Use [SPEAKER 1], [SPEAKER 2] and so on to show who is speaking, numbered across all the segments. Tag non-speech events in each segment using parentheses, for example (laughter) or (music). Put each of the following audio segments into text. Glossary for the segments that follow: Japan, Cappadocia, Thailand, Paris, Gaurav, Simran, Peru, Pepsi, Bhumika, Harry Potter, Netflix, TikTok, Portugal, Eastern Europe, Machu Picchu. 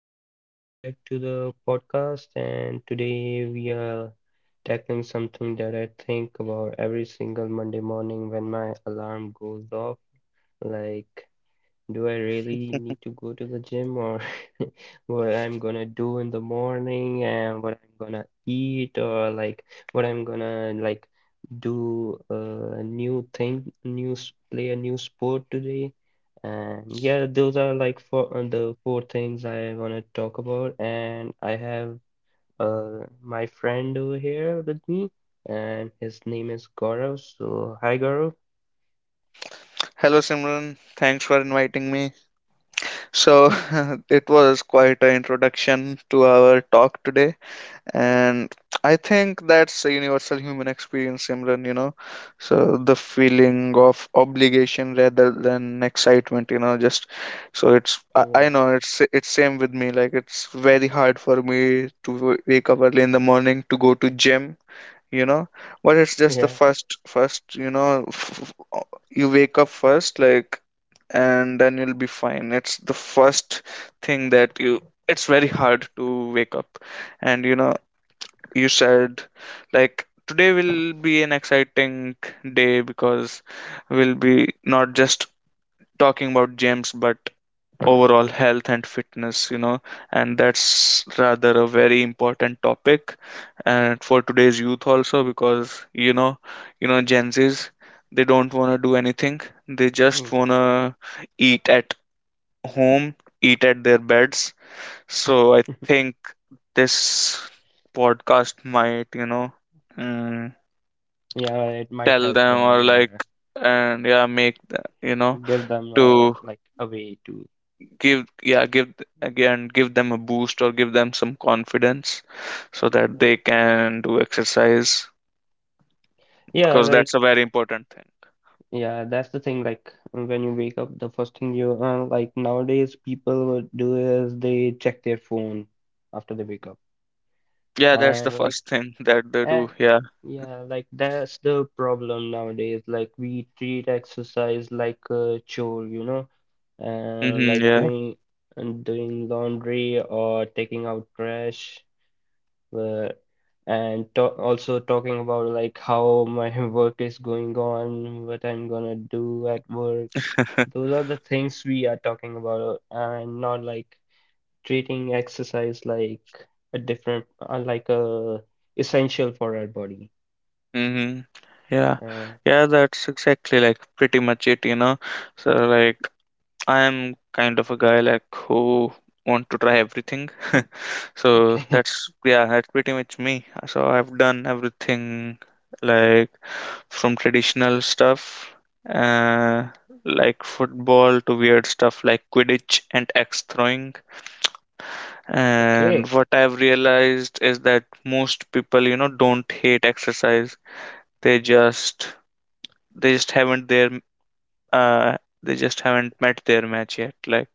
[SPEAKER 1] and welcome back to the podcast. And today we are tackling something that I think about every single Monday morning when my alarm goes off. Like, do I really need to go to the gym, or (laughs) what I'm gonna do in the morning and what I'm gonna eat, or like what I'm gonna like do a new thing, play a new sport today. And yeah, those are like four the four things I wanna talk about. And I have my friend over here with me, and his name is Gaurav. So hi, Gaurav.
[SPEAKER 2] Hello Simran, thanks for inviting me. So, (laughs) it was quite an introduction to our talk today, and I think that's a universal human experience, Simran, you know. So, the feeling of obligation rather than excitement, just so I
[SPEAKER 1] Yeah,
[SPEAKER 2] know it's same with me, like it's very hard for me to wake up early in the morning to go to gym, you know, but it's
[SPEAKER 1] (laughs)
[SPEAKER 2] just the
[SPEAKER 1] yeah.
[SPEAKER 2] first. You wake up first, like, and then you'll be fine. It's the first thing that you... it's very hard to wake up. And you said like today will be an exciting day because we'll be not just talking about James but overall health and fitness, and that's rather a very important topic and for today's youth also, because Gen Zs, they don't want to do anything. They
[SPEAKER 1] Hmm.
[SPEAKER 2] just want to eat at home, eat at their beds. So I think this podcast might, mm,
[SPEAKER 1] Yeah, it might
[SPEAKER 2] tell
[SPEAKER 1] help
[SPEAKER 2] them,
[SPEAKER 1] them.
[SPEAKER 2] or like,
[SPEAKER 1] Yeah,
[SPEAKER 2] and yeah, make the- you know
[SPEAKER 1] give them
[SPEAKER 2] to
[SPEAKER 1] like a way to.
[SPEAKER 2] give yeah, give them a boost, or give them some confidence, so that
[SPEAKER 1] Yeah.
[SPEAKER 2] they can do exercise,
[SPEAKER 1] Yeah,
[SPEAKER 2] because
[SPEAKER 1] like
[SPEAKER 2] that's a very important thing.
[SPEAKER 1] yeah, that's the thing. Like when you wake up, the first thing you like nowadays people would do is they check their phone after they wake up,
[SPEAKER 2] Yeah, that's the
[SPEAKER 1] and like
[SPEAKER 2] first thing (laughs) that they
[SPEAKER 1] eh,
[SPEAKER 2] do. Yeah.
[SPEAKER 1] yeah, like that's the problem nowadays. Like we treat exercise like a chore, you know, and
[SPEAKER 2] Mm-hmm,
[SPEAKER 1] like
[SPEAKER 2] yeah.
[SPEAKER 1] doing laundry or taking out trash. uh, and to also talking about like how my (laughs) work is going on, what I'm gonna do at work.
[SPEAKER 2] (laughs)
[SPEAKER 1] Those are the things we are talking about, and not like treating exercise like a different, like a essential for our body.
[SPEAKER 2] Mm-hmm. Yeah,
[SPEAKER 1] Uh,
[SPEAKER 2] yeah, that's exactly like pretty much it, so, like, I'm kind of a guy like who want to try everything. (laughs) So
[SPEAKER 1] okay,
[SPEAKER 2] that's... yeah, that's pretty much me. So I've done everything, like, from traditional stuff, uh, like football, to weird stuff like Quidditch and axe throwing.
[SPEAKER 1] (laughs)
[SPEAKER 2] And
[SPEAKER 1] okay,
[SPEAKER 2] what I've realized is that most people, you know, don't hate exercise. They just they just haven't their uh they just haven't met their match yet. Like,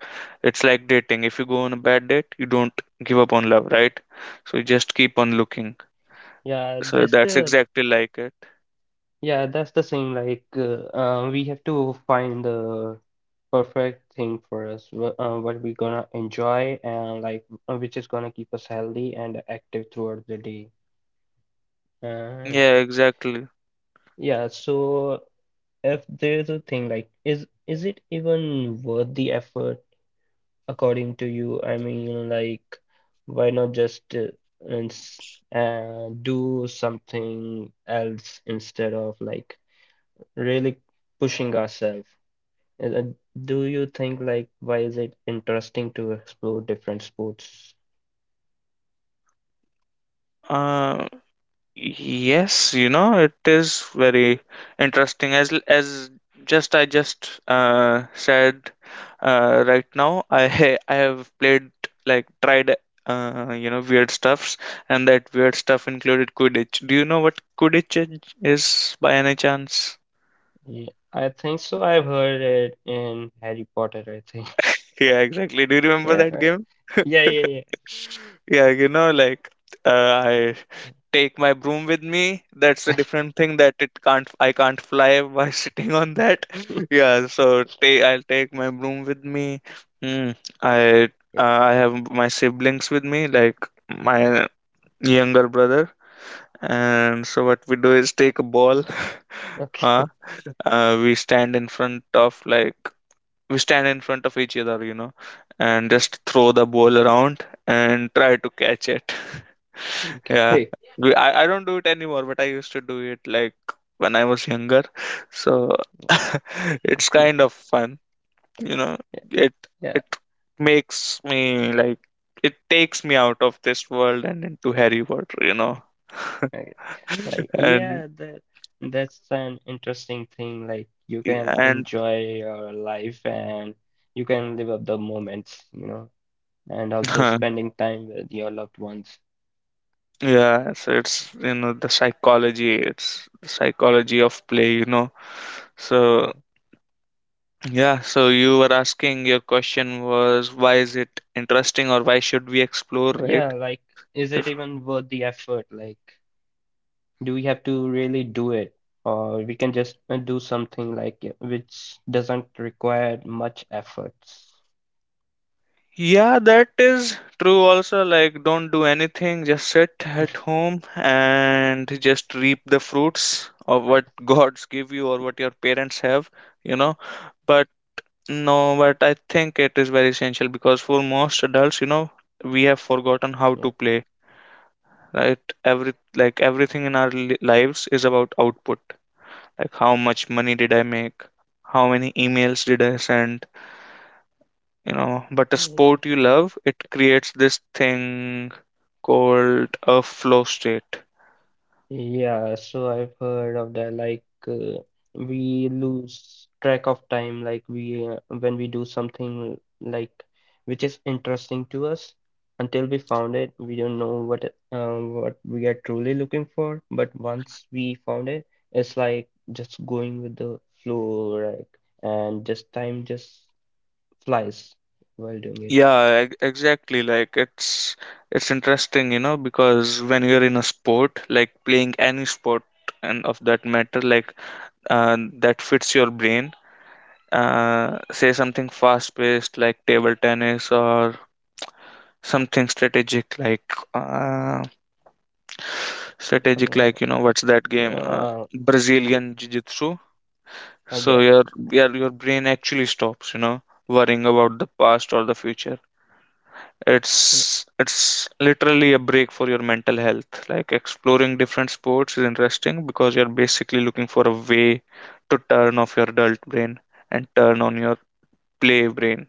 [SPEAKER 2] it's like dating. If you go on a bad date, you don't give up on love, right? So you just keep on looking.
[SPEAKER 1] yeah,
[SPEAKER 2] So
[SPEAKER 1] that's
[SPEAKER 2] that's
[SPEAKER 1] the
[SPEAKER 2] exactly like it.
[SPEAKER 1] Yeah, that's the same. Like, we have to find the perfect thing for us, what we're gonna enjoy, and like, which is gonna keep us healthy and active throughout the day. Uh,
[SPEAKER 2] Yeah, exactly.
[SPEAKER 1] yeah, so if there's a thing like, is it even worth the effort according to you? I mean, like, why not just and s- do something else instead of like really pushing ourselves? Uh, uh, Do you think like why is it interesting to explore different sports?
[SPEAKER 2] Uh, yes, you know, it is very interesting. As l- as just I just said, right now I (laughs) I have played, like, tried weird stuffs, and that weird stuff included Quidditch. Do you know what Quidditch is by any chance?
[SPEAKER 1] Yeah, I think so. I've heard it in Harry Potter, I think. (laughs)
[SPEAKER 2] (laughs) Yeah, exactly. Do you remember
[SPEAKER 1] Yeah,
[SPEAKER 2] that game? (laughs)
[SPEAKER 1] yeah, yeah,
[SPEAKER 2] Yeah, you know, like, I take my broom with me. That's a different thing, that it can't I can't fly by (laughs) sitting on that.
[SPEAKER 1] yeah.
[SPEAKER 2] (laughs) Yeah, so I'll take my broom with me. Hmm. I
[SPEAKER 1] (laughs) Yeah,
[SPEAKER 2] I have my siblings with me, like my younger brother. And so what we do is take a ball. (laughs) Huh?
[SPEAKER 1] okay.
[SPEAKER 2] Uh, we stand in front of like we stand in front of each other, you know, and
[SPEAKER 1] Yeah.
[SPEAKER 2] just throw the ball around and try to catch it. (laughs) Yeah.
[SPEAKER 1] Okay.
[SPEAKER 2] I don't do it anymore, but I used to do it, like, when I was younger. So (laughs) it's kind
[SPEAKER 1] (laughs)
[SPEAKER 2] of fun, you know.
[SPEAKER 1] Yeah,
[SPEAKER 2] It
[SPEAKER 1] yeah.
[SPEAKER 2] it makes me like it takes me out of this world and into Harry Potter, you know. (laughs)
[SPEAKER 1] Okay. Like,
[SPEAKER 2] And
[SPEAKER 1] yeah, that's an interesting thing. Like, you can
[SPEAKER 2] and
[SPEAKER 1] enjoy your life and you can live up the moments, you know, and also
[SPEAKER 2] huh,
[SPEAKER 1] spending time with your loved ones.
[SPEAKER 2] yeah, so it's, the psychology, it's the psychology of play. So, yeah, so you were asking... your question was, why is it interesting, or why should we explore, right?
[SPEAKER 1] Yeah, like, is it
[SPEAKER 2] If-
[SPEAKER 1] even worth the effort? Like, do we have to really do it? Or we can just do something like it, which doesn't require much efforts.
[SPEAKER 2] Yeah, that is true also. Like, don't do anything, just sit at home and just reap the fruits of what (laughs) gods give you or what your parents have, you know. But no, but I think it is very essential because for most adults, you know, we have forgotten how to
[SPEAKER 1] Yeah.
[SPEAKER 2] play, right? Everything in our lives is about output, like, how much money did I make, how many emails did I send. But a sport you love, it creates this thing called a flow state.
[SPEAKER 1] Yeah, so I've heard of that. Like, we lose track of time, like, we when we do something like which is interesting to us, until we found it, we don't know what we are truly looking for. But once we found it, it's like just going with the flow, right? And just time just flies while doing it.
[SPEAKER 2] Yeah, exactly. Like, it's interesting, because when you're in a sport, like playing any sport, and of that matter, like, that fits your brain. Say something fast-paced like table tennis, or something strategic like, uh, strategic,
[SPEAKER 1] Uh,
[SPEAKER 2] like, you know, what's that game,
[SPEAKER 1] yeah,
[SPEAKER 2] brazilian jiu-jitsu. So
[SPEAKER 1] yeah,
[SPEAKER 2] your your brain actually stops, worrying about the past or the future. It's it's literally a break for your mental health. Like, exploring different sports is interesting because you're basically looking for a way to turn off your adult brain and turn on your play brain.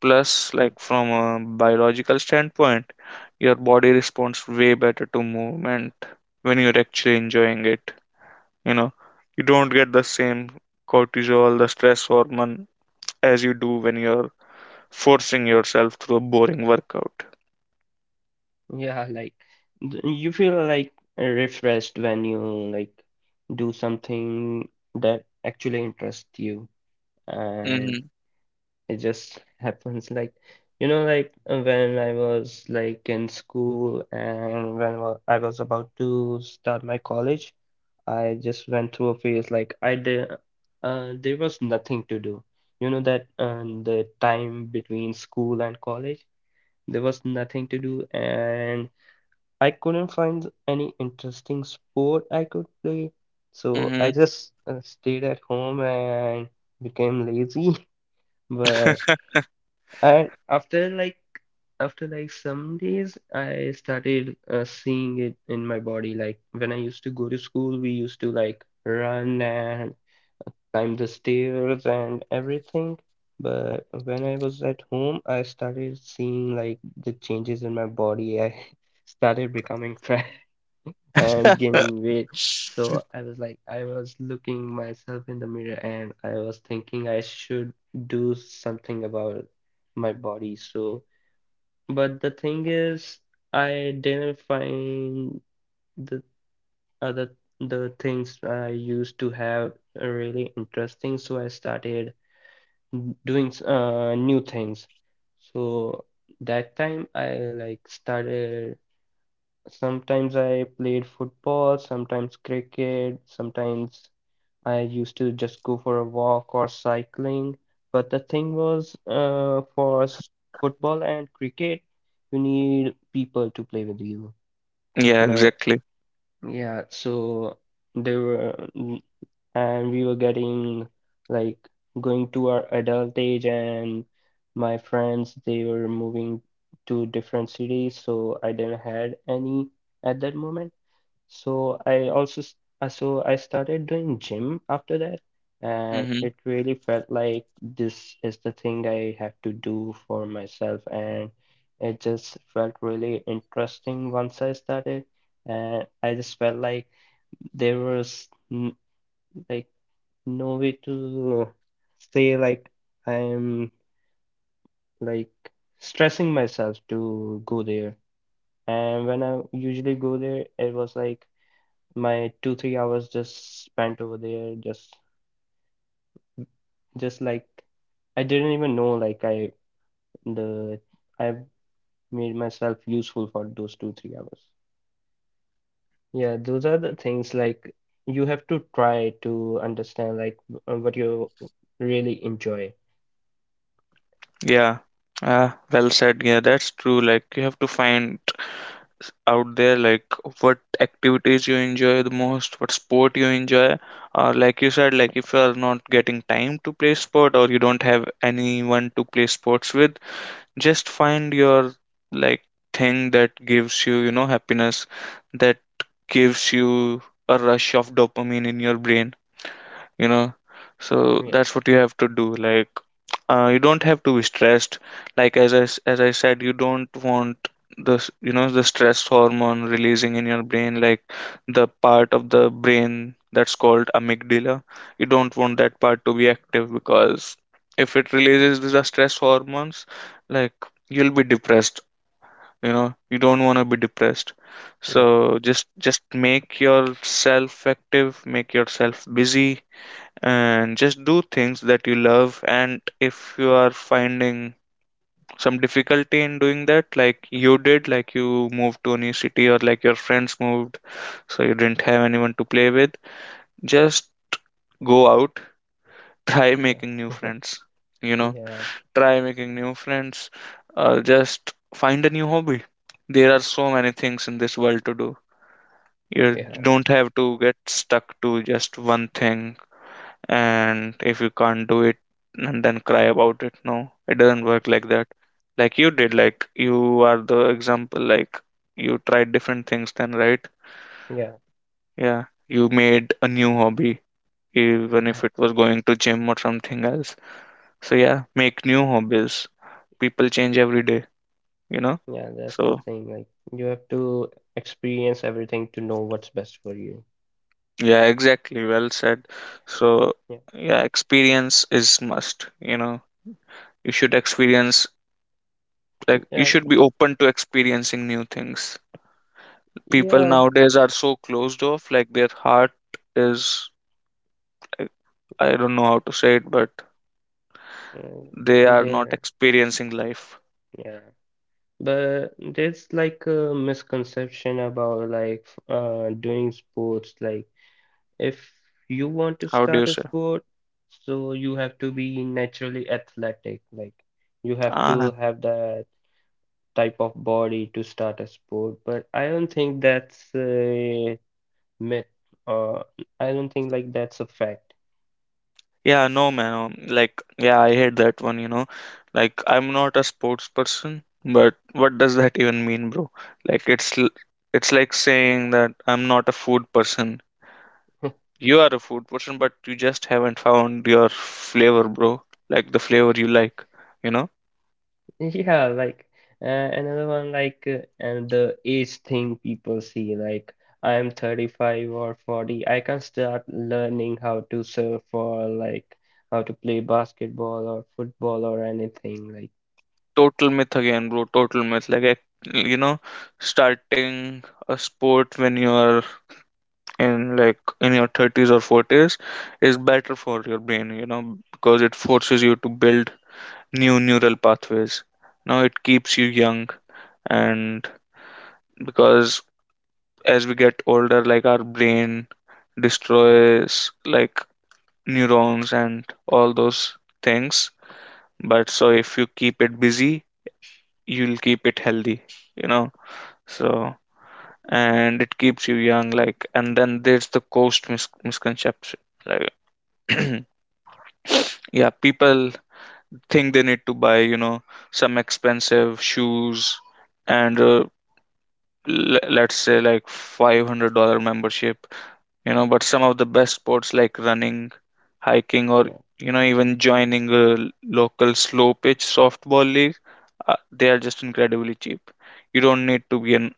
[SPEAKER 2] Plus,
[SPEAKER 1] okay.
[SPEAKER 2] like, from a biological standpoint, your body responds way better to movement when you're actually enjoying it. You know, you don't get the same cortisol, the stress hormone, as you do when you're forcing yourself through a boring workout.
[SPEAKER 1] Yeah, like you feel like refreshed when you like do something that actually interests you, and
[SPEAKER 2] Mm-hmm.
[SPEAKER 1] it just (laughs) happens. Like you know, like when I was like in school and when I was about to start my college, I just went through a phase like I did. There was nothing to do. You know that the time between school and college, there was nothing to do, and I couldn't find any interesting sport I could play, so
[SPEAKER 2] Mm-hmm.
[SPEAKER 1] I just stayed at home and became lazy. (laughs) But
[SPEAKER 2] (laughs)
[SPEAKER 1] and after like some days, I started seeing it in my body. Like when I used to go to school, we used to like run and climb the stairs and everything. But when I was at home, I started seeing like the changes in my body. I (laughs) started becoming fat and gaining weight. So I was like, I was looking myself in the mirror and I was thinking I should do something about my body. So, but the thing is, I didn't find the other the things I used to have really interesting. So I started doing new things. So that time I like started Sometimes I played football, sometimes cricket, sometimes I used to just go for a walk or cycling. But the thing was, football and cricket, you need people to play with you.
[SPEAKER 2] Yeah,
[SPEAKER 1] But
[SPEAKER 2] exactly.
[SPEAKER 1] yeah, so there were, and we were getting like going to our adult age, and my friends, they were moving to different cities, so I didn't had any at that moment. So I also so I started doing gym after that, and
[SPEAKER 2] Mm-hmm.
[SPEAKER 1] it really felt like this is the thing I have to do for myself, and it just felt really interesting once I started, and I just felt like there was n like no way to say like I'm like stressing myself to go there. And when I usually go there, it was like my two, 3 hours just spent over there, just like I didn't even know like the I made myself useful for those two, 3 hours. Yeah, those are the things like you have to try to understand like what you really enjoy.
[SPEAKER 2] Yeah. Ah. Well said. Yeah, that's true. Like, you have to find out there, like, what activities you enjoy the most, what sport you enjoy, or like you said, like, if you are not getting time to play sport, or you don't have anyone to play sports with, just find your, like, thing that gives you you know happiness, that gives you a rush of dopamine in your brain you know so
[SPEAKER 1] Yeah,
[SPEAKER 2] that's what you have to do. Like, you don't have to be stressed. Like, as as I said, you don't want the stress hormone releasing in your brain, like, the part of the brain that's called amygdala. You don't want that part to be active, because if it releases the stress hormones, like, you'll be depressed. You don't want to be depressed.
[SPEAKER 1] yeah,
[SPEAKER 2] So, just make yourself active, make yourself busy, and just do things that you love. And if you are finding some difficulty in doing that, like you did, like you moved to a new city, or like your friends moved, so you didn't have anyone to play with, just go out, (laughs) try making new
[SPEAKER 1] yeah,
[SPEAKER 2] friends, you
[SPEAKER 1] (laughs)
[SPEAKER 2] know
[SPEAKER 1] yeah,
[SPEAKER 2] try making new friends. Just find a new hobby. There are so many things in this world to do. You
[SPEAKER 1] yeah,
[SPEAKER 2] don't have to get stuck to just one thing, and if you can't do it and then cry about it, no, it doesn't work like that. Like you did, like, you are the example. Like, you tried different things, then, right?
[SPEAKER 1] yeah,
[SPEAKER 2] Yeah, you made a new hobby, even
[SPEAKER 1] yeah,
[SPEAKER 2] if it was going to gym or something else. So yeah, make new hobbies. People change every day you know
[SPEAKER 1] yeah. That's the
[SPEAKER 2] so
[SPEAKER 1] thing. Like you have to experience everything to know what's best for you.
[SPEAKER 2] yeah, exactly, well said. So
[SPEAKER 1] Yeah,
[SPEAKER 2] yeah, experience is must. You should experience, like, you
[SPEAKER 1] yeah,
[SPEAKER 2] should be open to experiencing new things. People
[SPEAKER 1] yeah.
[SPEAKER 2] nowadays are so closed off, like, their heart is, i I don't know how to say it, but
[SPEAKER 1] uh,
[SPEAKER 2] they
[SPEAKER 1] And
[SPEAKER 2] are not
[SPEAKER 1] there.
[SPEAKER 2] experiencing life.
[SPEAKER 1] Yeah, but there's like a misconception about like doing sports. Like if you want to
[SPEAKER 2] How do you
[SPEAKER 1] start a
[SPEAKER 2] say...
[SPEAKER 1] sport, so you have to be naturally athletic. Like you have
[SPEAKER 2] ah,
[SPEAKER 1] to have that type of body to start a sport. But I don't think that's a myth, or I don't think like that's a fact.
[SPEAKER 2] yeah, no man, like, yeah, I hate that one. Like, I'm not a sports person, but what does that even mean, bro? Like, it's like saying that I'm not a food person. You are a food person, but you just haven't found your flavor, bro. Like the flavor you like you know
[SPEAKER 1] Yeah, like another one like and the age thing people see like I'm 35 or 40, I can start learning how to surf or like how to play basketball or football or anything like
[SPEAKER 2] Total myth again, bro. Total myth. Like, starting a sport when you're in your 30s or 40s is better for your brain, you know, because it forces you to build new neural pathways. Now it keeps you young, and because as we get older, like, our brain destroys like neurons and all those things. But so if you keep it busy, you'll keep it healthy, you know. So. And it keeps you young, like. And then there's the cost misconception. Like, (clears throat) yeah, people think they need to buy you know some expensive shoes, and let's say, like, $500 membership, but some of the best sports like running, hiking, or,
[SPEAKER 1] yeah,
[SPEAKER 2] even joining a local slow pitch softball league, they are just incredibly cheap. You don't need to be an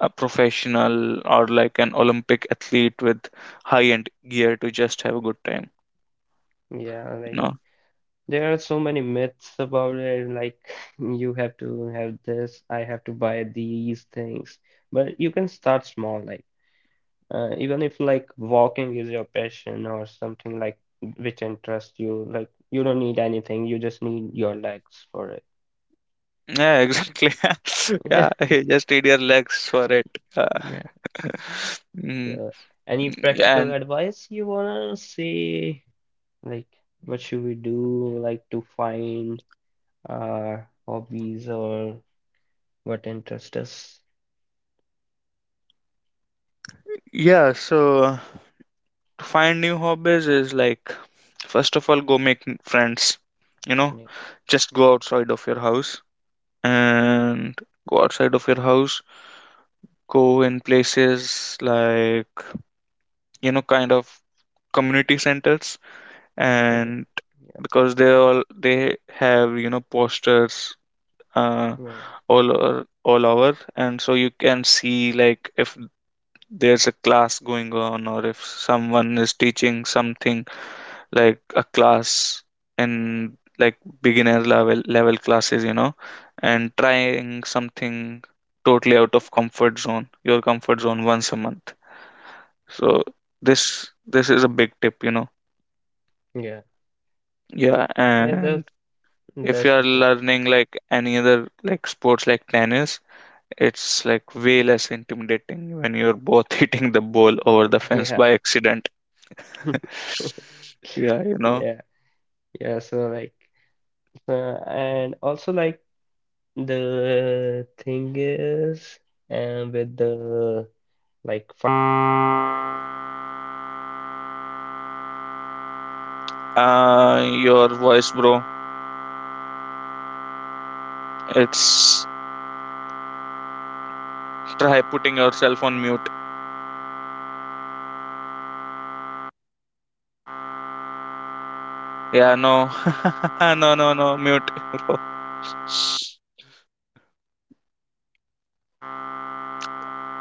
[SPEAKER 2] a professional, or like an Olympic athlete with high-end gear, to just have a good time,
[SPEAKER 1] yeah,
[SPEAKER 2] you
[SPEAKER 1] like
[SPEAKER 2] know.
[SPEAKER 1] there are so many myths about it, like (laughs) you have to have this, I have to buy these things, but you can start small, like even if like walking is your passion or something like which interests you, like you don't need anything, you just need your legs for it.
[SPEAKER 2] Yeah, exactly. (laughs) Yeah,
[SPEAKER 1] (laughs)
[SPEAKER 2] you just need your legs for it.
[SPEAKER 1] Yeah,
[SPEAKER 2] (laughs)
[SPEAKER 1] yeah.
[SPEAKER 2] Mm,
[SPEAKER 1] So, any practical
[SPEAKER 2] and
[SPEAKER 1] advice you wanna say? Like, what should we do? Like to find our hobbies or what interests us?
[SPEAKER 2] yeah, so to find new hobbies is, like, first of all, go make friends. You know,
[SPEAKER 1] Yeah.
[SPEAKER 2] just go outside of your house, and go outside of your house. Go in places like, you know, kind of community centers
[SPEAKER 1] Okay.
[SPEAKER 2] and
[SPEAKER 1] Yeah.
[SPEAKER 2] because they have posters, uh,
[SPEAKER 1] Yeah.
[SPEAKER 2] all over, and so you can see like if there's a class going on or if someone is teaching something like a class, in like beginner level classes, you know, and trying something totally out of comfort zone your comfort zone once a month. So this is a big tip, you know.
[SPEAKER 1] Yeah.
[SPEAKER 2] Yeah.
[SPEAKER 1] Yeah.
[SPEAKER 2] And
[SPEAKER 1] That's
[SPEAKER 2] if you
[SPEAKER 1] that's
[SPEAKER 2] are
[SPEAKER 1] the thing.
[SPEAKER 2] learning like any other like sports like tennis, it's like way less intimidating when you're both (laughs) hitting the ball over the fence
[SPEAKER 1] Yeah.
[SPEAKER 2] by accident.
[SPEAKER 1] (laughs)
[SPEAKER 2] (laughs) Yeah, you know.
[SPEAKER 1] Yeah. Yeah. So like. And also like the thing is with the like fi-
[SPEAKER 2] Your voice, bro. It's Try putting yourself on mute. Yeah, no, (laughs) no, no, no, mute, bro.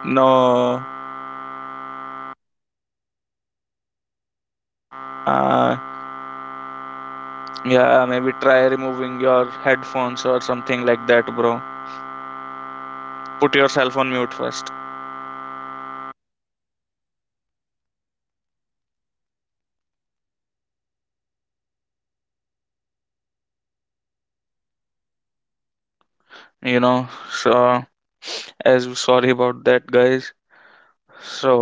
[SPEAKER 2] No. Uh, yeah, maybe try removing your headphones or something like that, bro. Put yourself on mute first. So. As Sorry about that, guys. So,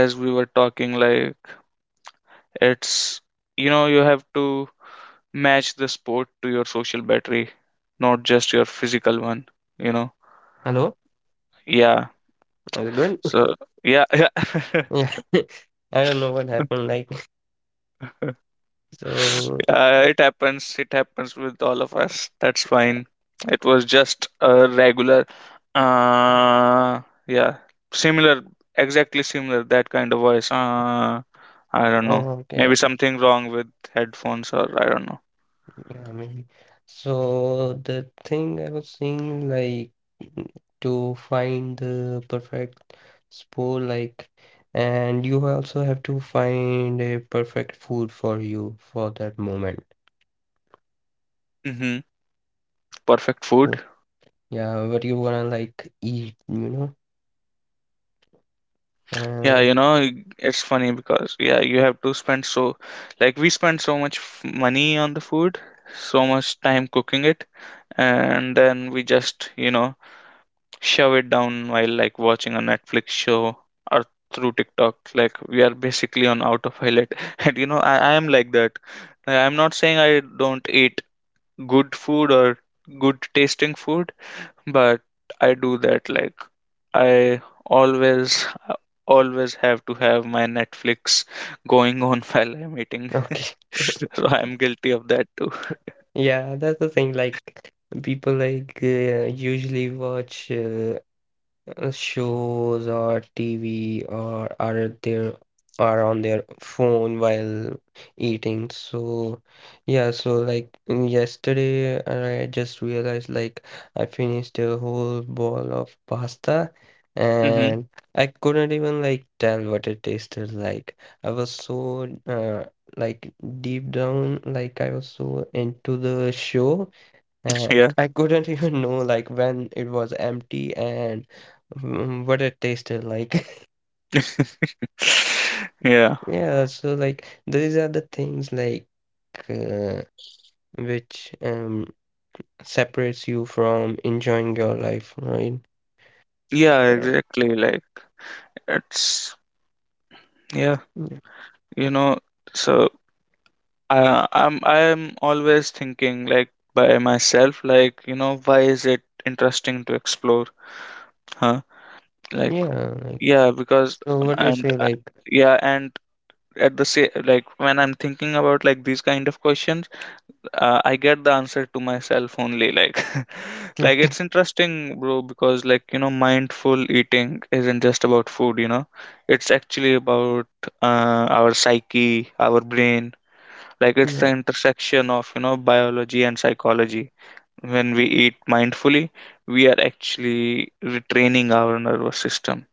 [SPEAKER 2] as we were talking, like, it's you have to match the sport to your social battery, not just your physical one you know
[SPEAKER 1] hello,
[SPEAKER 2] yeah.
[SPEAKER 1] is it good?
[SPEAKER 2] So yeah, (laughs) yeah.
[SPEAKER 1] (laughs) Yeah. (laughs) I don't know what happened, like. (laughs) So,
[SPEAKER 2] It happens. It happens with all of us. That's fine. It was just a regular, uh, yeah, similar, exactly similar, that kind of voice. I don't know.
[SPEAKER 1] oh, okay,
[SPEAKER 2] Maybe
[SPEAKER 1] okay,
[SPEAKER 2] something wrong with headphones, or I don't know.
[SPEAKER 1] yeah, maybe. So the thing I was saying, like, to find the perfect sport, like, and you also have to find a perfect food for you for that moment.
[SPEAKER 2] Mm-hmm. Perfect food.
[SPEAKER 1] Yeah, but you wanna like eat, you know? Uh,
[SPEAKER 2] Yeah, it's funny because, yeah, you have to spend so, like, we spend so much money on the food, so much time cooking it, and then we just, shove it down while like watching a Netflix show or through TikTok. Like we are basically on autopilot. (laughs) And, I am like that. Like, I'm not saying I don't eat good food or good tasting food, but I do that. Like I always have to have my Netflix going on (laughs) while I'm eating. (laughs)
[SPEAKER 1] okay. (laughs)
[SPEAKER 2] So I'm guilty of that too.
[SPEAKER 1] Yeah, that's the thing. Like people like usually watch shows or TV, or are on their phone while eating. So yeah, so like yesterday I just realized like I finished a whole bowl of pasta
[SPEAKER 2] Hmm.
[SPEAKER 1] and I couldn't even like tell what it tasted like. I was so like deep down, like I was so into the show, and
[SPEAKER 2] Yeah.
[SPEAKER 1] I couldn't (laughs) even know like when it was empty and what it tasted like. (laughs)
[SPEAKER 2] (laughs) Yeah.
[SPEAKER 1] Yeah, so like these are the things like uh, which separates you from enjoying your life, right?
[SPEAKER 2] Yeah,
[SPEAKER 1] Uh,
[SPEAKER 2] exactly. Like it's yeah,
[SPEAKER 1] mm,
[SPEAKER 2] you know, so I'm always thinking like by myself, like, you know, why is it interesting to explore? Huh? Like,
[SPEAKER 1] Yeah, like
[SPEAKER 2] yeah, because
[SPEAKER 1] so what do you
[SPEAKER 2] and
[SPEAKER 1] say like
[SPEAKER 2] yeah, and at the same, like, when I'm thinking about like these kind of questions, I get the answer to myself only. Like, (laughs)
[SPEAKER 1] (laughs)
[SPEAKER 2] like
[SPEAKER 1] mm,
[SPEAKER 2] it's interesting, bro, because, like, mindful eating isn't just about food. You know, it's actually about our psyche, our brain, like it's the
[SPEAKER 1] yeah,
[SPEAKER 2] intersection of, biology and psychology. When we eat mindfully, we are actually retraining our nervous system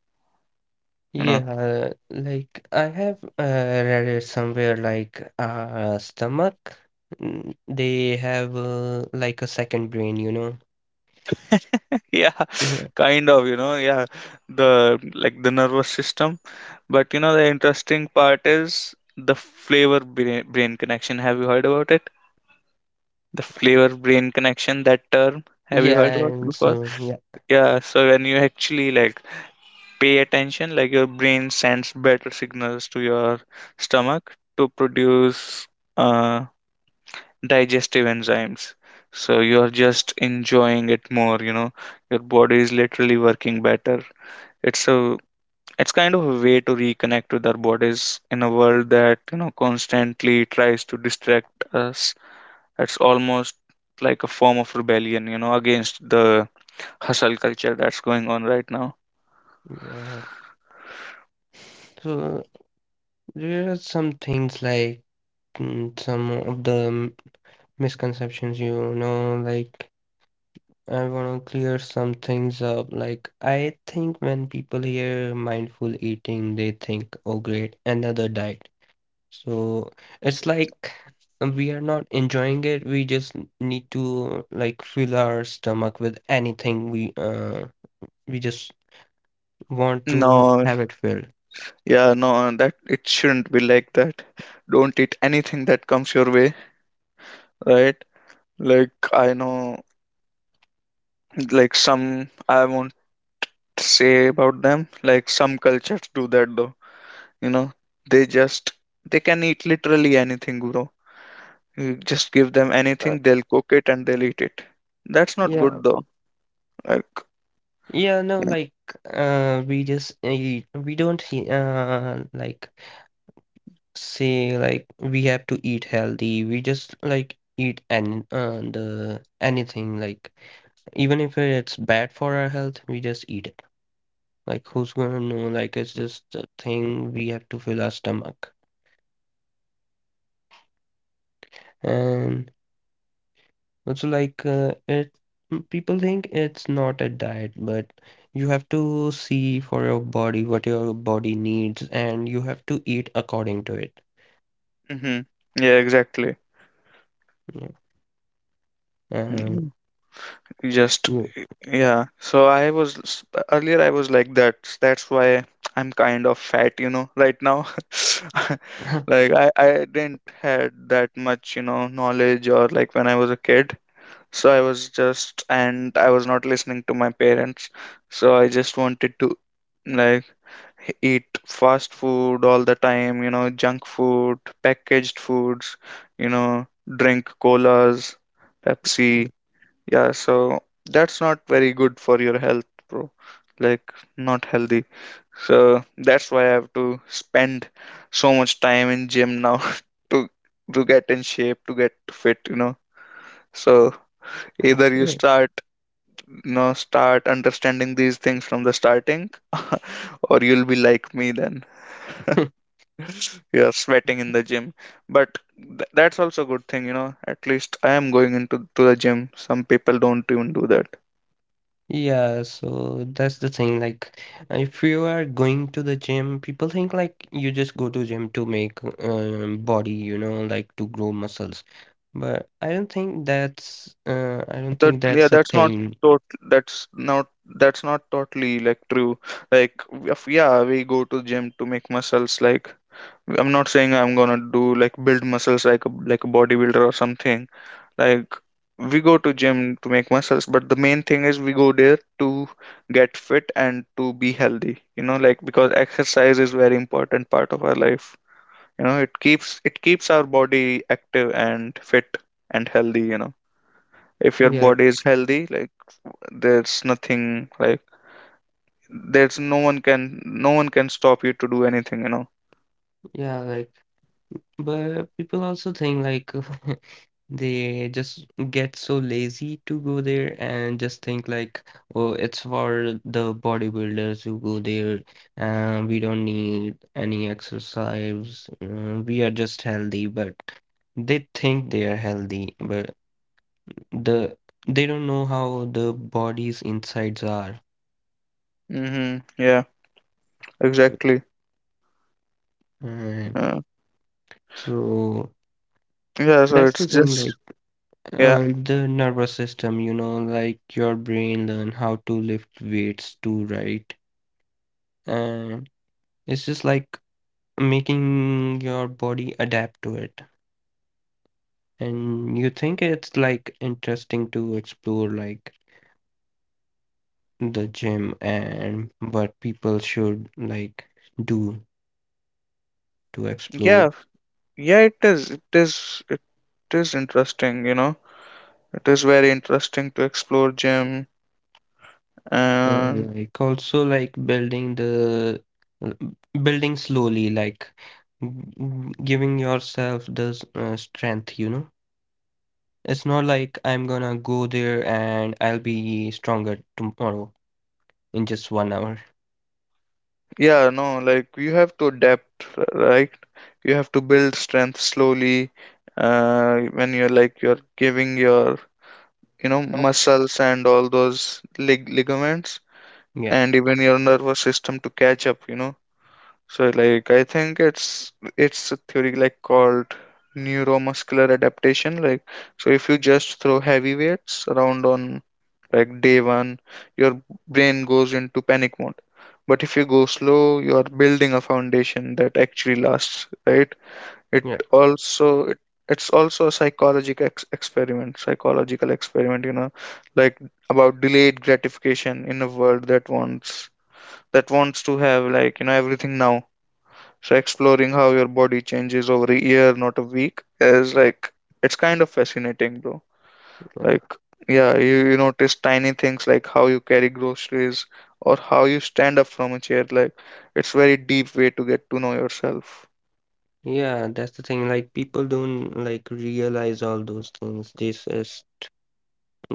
[SPEAKER 2] you know
[SPEAKER 1] yeah, like I have read it somewhere like stomach, they have, like a second brain, you know.
[SPEAKER 2] (laughs) yeah, kind of, yeah, the nervous system. But, you know, the interesting part is the flavor brain connection. Have you heard about it? The flavor brain connection, that term, have you
[SPEAKER 1] Yeah,
[SPEAKER 2] heard about it
[SPEAKER 1] and
[SPEAKER 2] before?
[SPEAKER 1] so yeah,
[SPEAKER 2] Yeah, so when you actually, like, pay attention, like, your brain sends better signals to your stomach to produce uh, digestive enzymes, so you're just enjoying it more. Your body is literally working better. it's a it's kind of a way to reconnect with our bodies in a world that, constantly tries to distract us. It's almost like a form of rebellion against the hustle culture that's going on right now.
[SPEAKER 1] yeah. So there are some things like some of the misconceptions, you know, like I want to clear some things up. Like I think when people hear mindful eating, they think, "Oh, great, another diet." So it's like we are not enjoying it. We just need to like fill our stomach with anything we just want to
[SPEAKER 2] No.
[SPEAKER 1] have it filled.
[SPEAKER 2] Yeah, no, that it shouldn't be like that. Don't eat anything that comes your way, right? Like I know, like some I won't say about them. Like some cultures do that though. You know, they just they can eat literally anything, bro. You just give them
[SPEAKER 1] Uh,
[SPEAKER 2] anything, they'll cook it and they'll eat it. That's not
[SPEAKER 1] yeah,
[SPEAKER 2] good though. Like,
[SPEAKER 1] yeah, no, like we just we don't say, like we have to eat healthy. We just like eat and the anything, like even if it's bad for our health, we just eat it. Like who's gonna know? Like it's just a thing, we have to fill our stomach. And also, like it people think it's not a diet, but you have to see for your body what your body needs and you have to eat according to it.
[SPEAKER 2] mm-hmm. Yeah, exactly.
[SPEAKER 1] Yeah. Uh,
[SPEAKER 2] Mhm. Just
[SPEAKER 1] you-
[SPEAKER 2] yeah, so earlier I was like that. That's why I'm kind of fat right now. (laughs) Like
[SPEAKER 1] (laughs)
[SPEAKER 2] I didn't had that much knowledge, or like when I was a kid. So I was just and I was not listening to my parents. So I just wanted to like eat fast food all the time, junk food, packaged foods, you know, drink colas, Pepsi. Yeah, so that's not very good for your health, bro. Like, not healthy. So that's why I have to spend so much time in gym now (laughs) to to get in shape, to get fit. So either you
[SPEAKER 1] yeah.
[SPEAKER 2] start, you know, start understanding these things from the starting, (laughs) or you'll be like me then. (laughs)
[SPEAKER 1] (laughs)
[SPEAKER 2] You're sweating in the gym. But th that's also a good thing. At least I am going into to the gym. Some people don't even do that.
[SPEAKER 1] Yeah, so that's the thing. Like, if you are going to the gym, people think like you just go to gym to make body, you know, like to grow muscles. But I don't think that's uh, I don't think
[SPEAKER 2] Yeah,
[SPEAKER 1] that's a thing.
[SPEAKER 2] tot that's not that's not totally, like, true. Like if, yeah, we go to gym to make muscles, like, I'm not saying I'm gonna do like build muscles like a bodybuilder or something. Like, we go to gym to make muscles, but the main thing is we go there to get fit and to be healthy, like, because exercise is very important part of our life. It keeps our body active and fit and healthy. If your
[SPEAKER 1] Yeah,
[SPEAKER 2] body is healthy, like, there's nothing like there's no one can stop you to do anything.
[SPEAKER 1] yeah, like. But people also think like (laughs) they just get so lazy to go there and just think like, oh, it's for the bodybuilders who go there, and we don't need any exercise. We are just healthy, but they think they are healthy, but the they don't know how the body's insides are.
[SPEAKER 2] Mm-hmm. Yeah, exactly.
[SPEAKER 1] And
[SPEAKER 2] uh,
[SPEAKER 1] so
[SPEAKER 2] yeah, so
[SPEAKER 1] that's
[SPEAKER 2] it's
[SPEAKER 1] the thing,
[SPEAKER 2] just,
[SPEAKER 1] like.
[SPEAKER 2] yeah,
[SPEAKER 1] The nervous system, you know, like your brain learn how to lift weights too, right? And it's just like making your body adapt to it. And you think it's like interesting to explore like the gym and what people should like do to
[SPEAKER 2] yeah.
[SPEAKER 1] explore.
[SPEAKER 2] Yeah, it is, it is interesting. It is very interesting to explore gym.
[SPEAKER 1] Uh,
[SPEAKER 2] And
[SPEAKER 1] like also like building slowly, like giving yourself the strength, you know. It's not like I'm gonna go there and I'll be stronger tomorrow in just 1 hour.
[SPEAKER 2] yeah, no, like, you have to adapt, right. You have to build strength slowly. When you're giving your, muscles and all those ligaments,
[SPEAKER 1] Yeah,
[SPEAKER 2] and even your nervous system, to catch up. so, like, I think it's a theory like called neuromuscular adaptation, like. So if you just throw heavy weights around on like day one, your brain goes into panic mode. But if you go slow, you are building a foundation that actually lasts, right. It
[SPEAKER 1] yeah,
[SPEAKER 2] also, it's also a psychological experiment, like, about delayed gratification in a world that wants to have, like, everything now. So exploring how your body changes over a year, not a week, is like, it's kind of fascinating, bro. Like,
[SPEAKER 1] yeah.
[SPEAKER 2] yeah, you notice tiny things like how you carry groceries or how you stand up from a chair, like, it's very deep way to get to know yourself.
[SPEAKER 1] Yeah, that's the thing. Like people don't like realize all those things. They just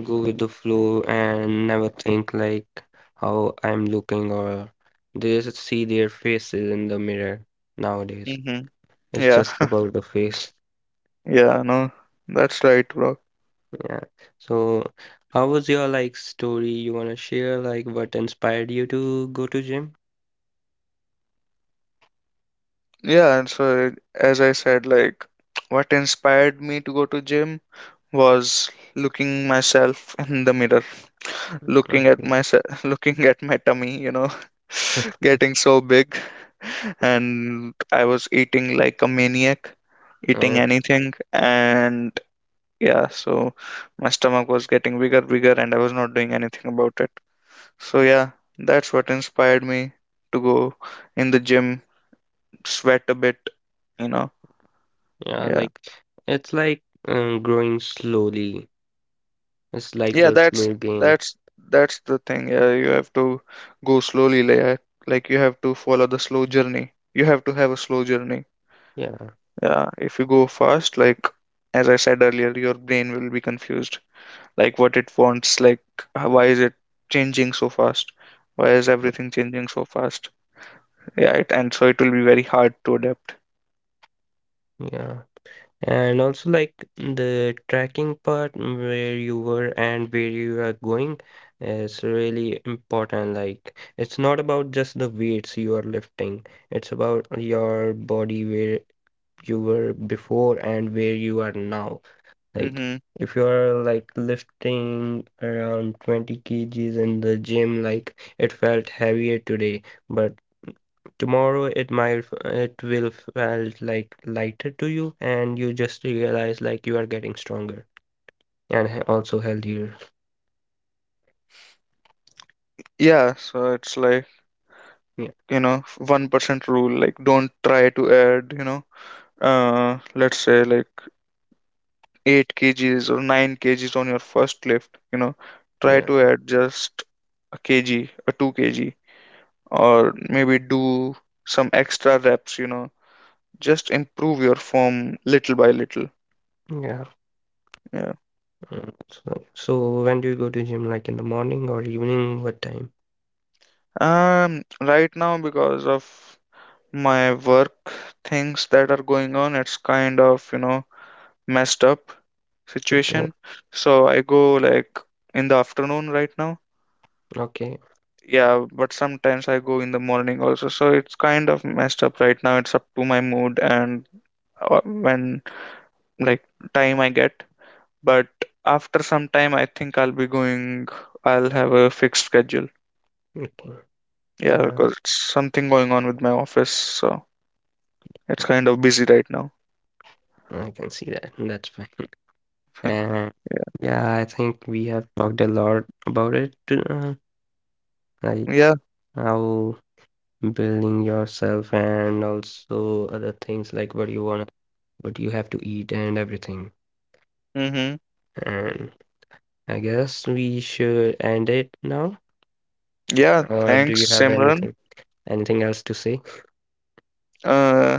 [SPEAKER 1] go with the flow and never think like how I'm looking, or they just see their faces in the mirror nowadays.
[SPEAKER 2] Hmm.
[SPEAKER 1] It's
[SPEAKER 2] Yeah.
[SPEAKER 1] just about the face.
[SPEAKER 2] (laughs) Yeah. No, that's right, bro.
[SPEAKER 1] Yeah. So how was your like story you wanna share? Like what inspired you to go to gym?
[SPEAKER 2] Yeah, and so, as I said, like, what inspired me to go to gym was looking myself in the mirror, looking at
[SPEAKER 1] Okay.
[SPEAKER 2] my se- (laughs) looking at my tummy, (laughs) getting so big, and I was eating like a maniac, eating
[SPEAKER 1] Uh,
[SPEAKER 2] anything, and yeah, so my stomach was getting bigger, bigger, and I was not doing anything about it. So yeah, that's what inspired me to go in the gym, sweat a bit, you know.
[SPEAKER 1] yeah,
[SPEAKER 2] Yeah.
[SPEAKER 1] like it's like growing slowly. It's like
[SPEAKER 2] Yeah,
[SPEAKER 1] the slow game.
[SPEAKER 2] that's that's the thing. Yeah, you have to go slowly, like you have to follow the slow journey. You have to have a slow journey.
[SPEAKER 1] Yeah,
[SPEAKER 2] Yeah, if you go fast, like, as I said earlier, your brain will be confused. Like, what it wants, like, why is it changing so fast? Why is everything changing so fast? Yeah, and so it will be very hard to adapt.
[SPEAKER 1] yeah. And also like the tracking part where you were and where you are going is really important. Like it's not about just the weights you are lifting. It's about your body, where you were before and where you are now. Like
[SPEAKER 2] Mm-hmm.
[SPEAKER 1] if you're like lifting around 20 kgs in the gym, like it felt heavier today, but tomorrow it will felt like lighter to you, and you just realize like you are getting stronger and also healthier.
[SPEAKER 2] Yeah, so it's like,
[SPEAKER 1] Yeah,
[SPEAKER 2] 1% rule, like, don't try to add, let's say like 8 kgs or 9 kgs on your first lift. Try
[SPEAKER 1] yeah,
[SPEAKER 2] to add just a 2 kg, or maybe do some extra reps. Just improve your form little by little.
[SPEAKER 1] yeah.
[SPEAKER 2] Yeah.
[SPEAKER 1] So, when do you go to gym? Like in the morning or evening? What time?
[SPEAKER 2] um right now, because of my work things that are going on, it's kind of messed up
[SPEAKER 1] Okay,
[SPEAKER 2] situation. So I go, like, in the afternoon right now.
[SPEAKER 1] okay,
[SPEAKER 2] Yeah, but sometimes I go in the morning also, so it's kind of messed up right now. It's up to my mood and when, like, time I get. But after some time, I think I'll have a fixed schedule.
[SPEAKER 1] okay.
[SPEAKER 2] Yeah,
[SPEAKER 1] Yeah,
[SPEAKER 2] because it's something going on with my office, so it's kind of busy right now.
[SPEAKER 1] I can see that. That's fine.
[SPEAKER 2] (laughs)
[SPEAKER 1] And yeah, I think we have talked a lot about it, like
[SPEAKER 2] Yeah.
[SPEAKER 1] how building yourself and also other things like what you want, what you have to eat and everything.
[SPEAKER 2] Mm-hmm.
[SPEAKER 1] And I guess we should end it now.
[SPEAKER 2] Yeah,
[SPEAKER 1] Or do you
[SPEAKER 2] thanks,
[SPEAKER 1] have
[SPEAKER 2] Simran.
[SPEAKER 1] anything else to say?
[SPEAKER 2] Uh,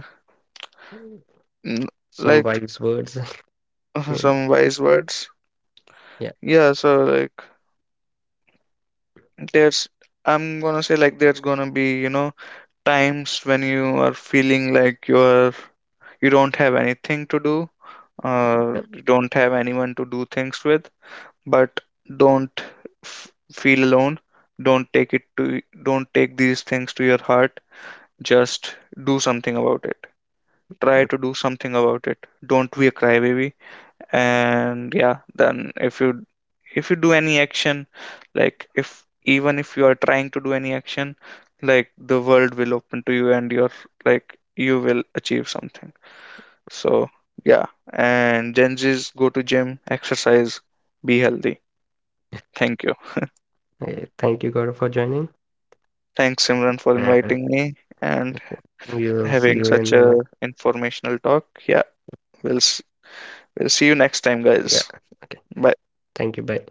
[SPEAKER 2] n-
[SPEAKER 1] Some
[SPEAKER 2] like,
[SPEAKER 1] wise words, (laughs)
[SPEAKER 2] (laughs)
[SPEAKER 1] maybe.
[SPEAKER 2] some wise words.
[SPEAKER 1] Yeah.
[SPEAKER 2] Yeah, so, like, there's I'm gonna say like there's gonna be, times when you are feeling like you don't have anything to do,
[SPEAKER 1] Yeah.
[SPEAKER 2] or you don't have anyone to do things with. But don't f- feel alone. don't take it to don't take these things to your heart. Just do something about it. Try to do something about it. Don't be a crybaby. And yeah, then if you do any action, like, if even if you are trying to do any action, like, the world will open to you, and you will achieve something. So yeah. And Gen Z's, go to gym, exercise, be healthy. Thank you.
[SPEAKER 1] Okay, thank you, Gaurav, for joining.
[SPEAKER 2] Thanks, Simran, for
[SPEAKER 1] And
[SPEAKER 2] inviting me and
[SPEAKER 1] we'll see
[SPEAKER 2] having
[SPEAKER 1] you in
[SPEAKER 2] such
[SPEAKER 1] the
[SPEAKER 2] a
[SPEAKER 1] next.
[SPEAKER 2] informational talk. Yeah, we'll s- we'll see you next time,
[SPEAKER 1] Yeah.
[SPEAKER 2] guys.
[SPEAKER 1] Okay.
[SPEAKER 2] Bye.
[SPEAKER 1] Thank you. Bye.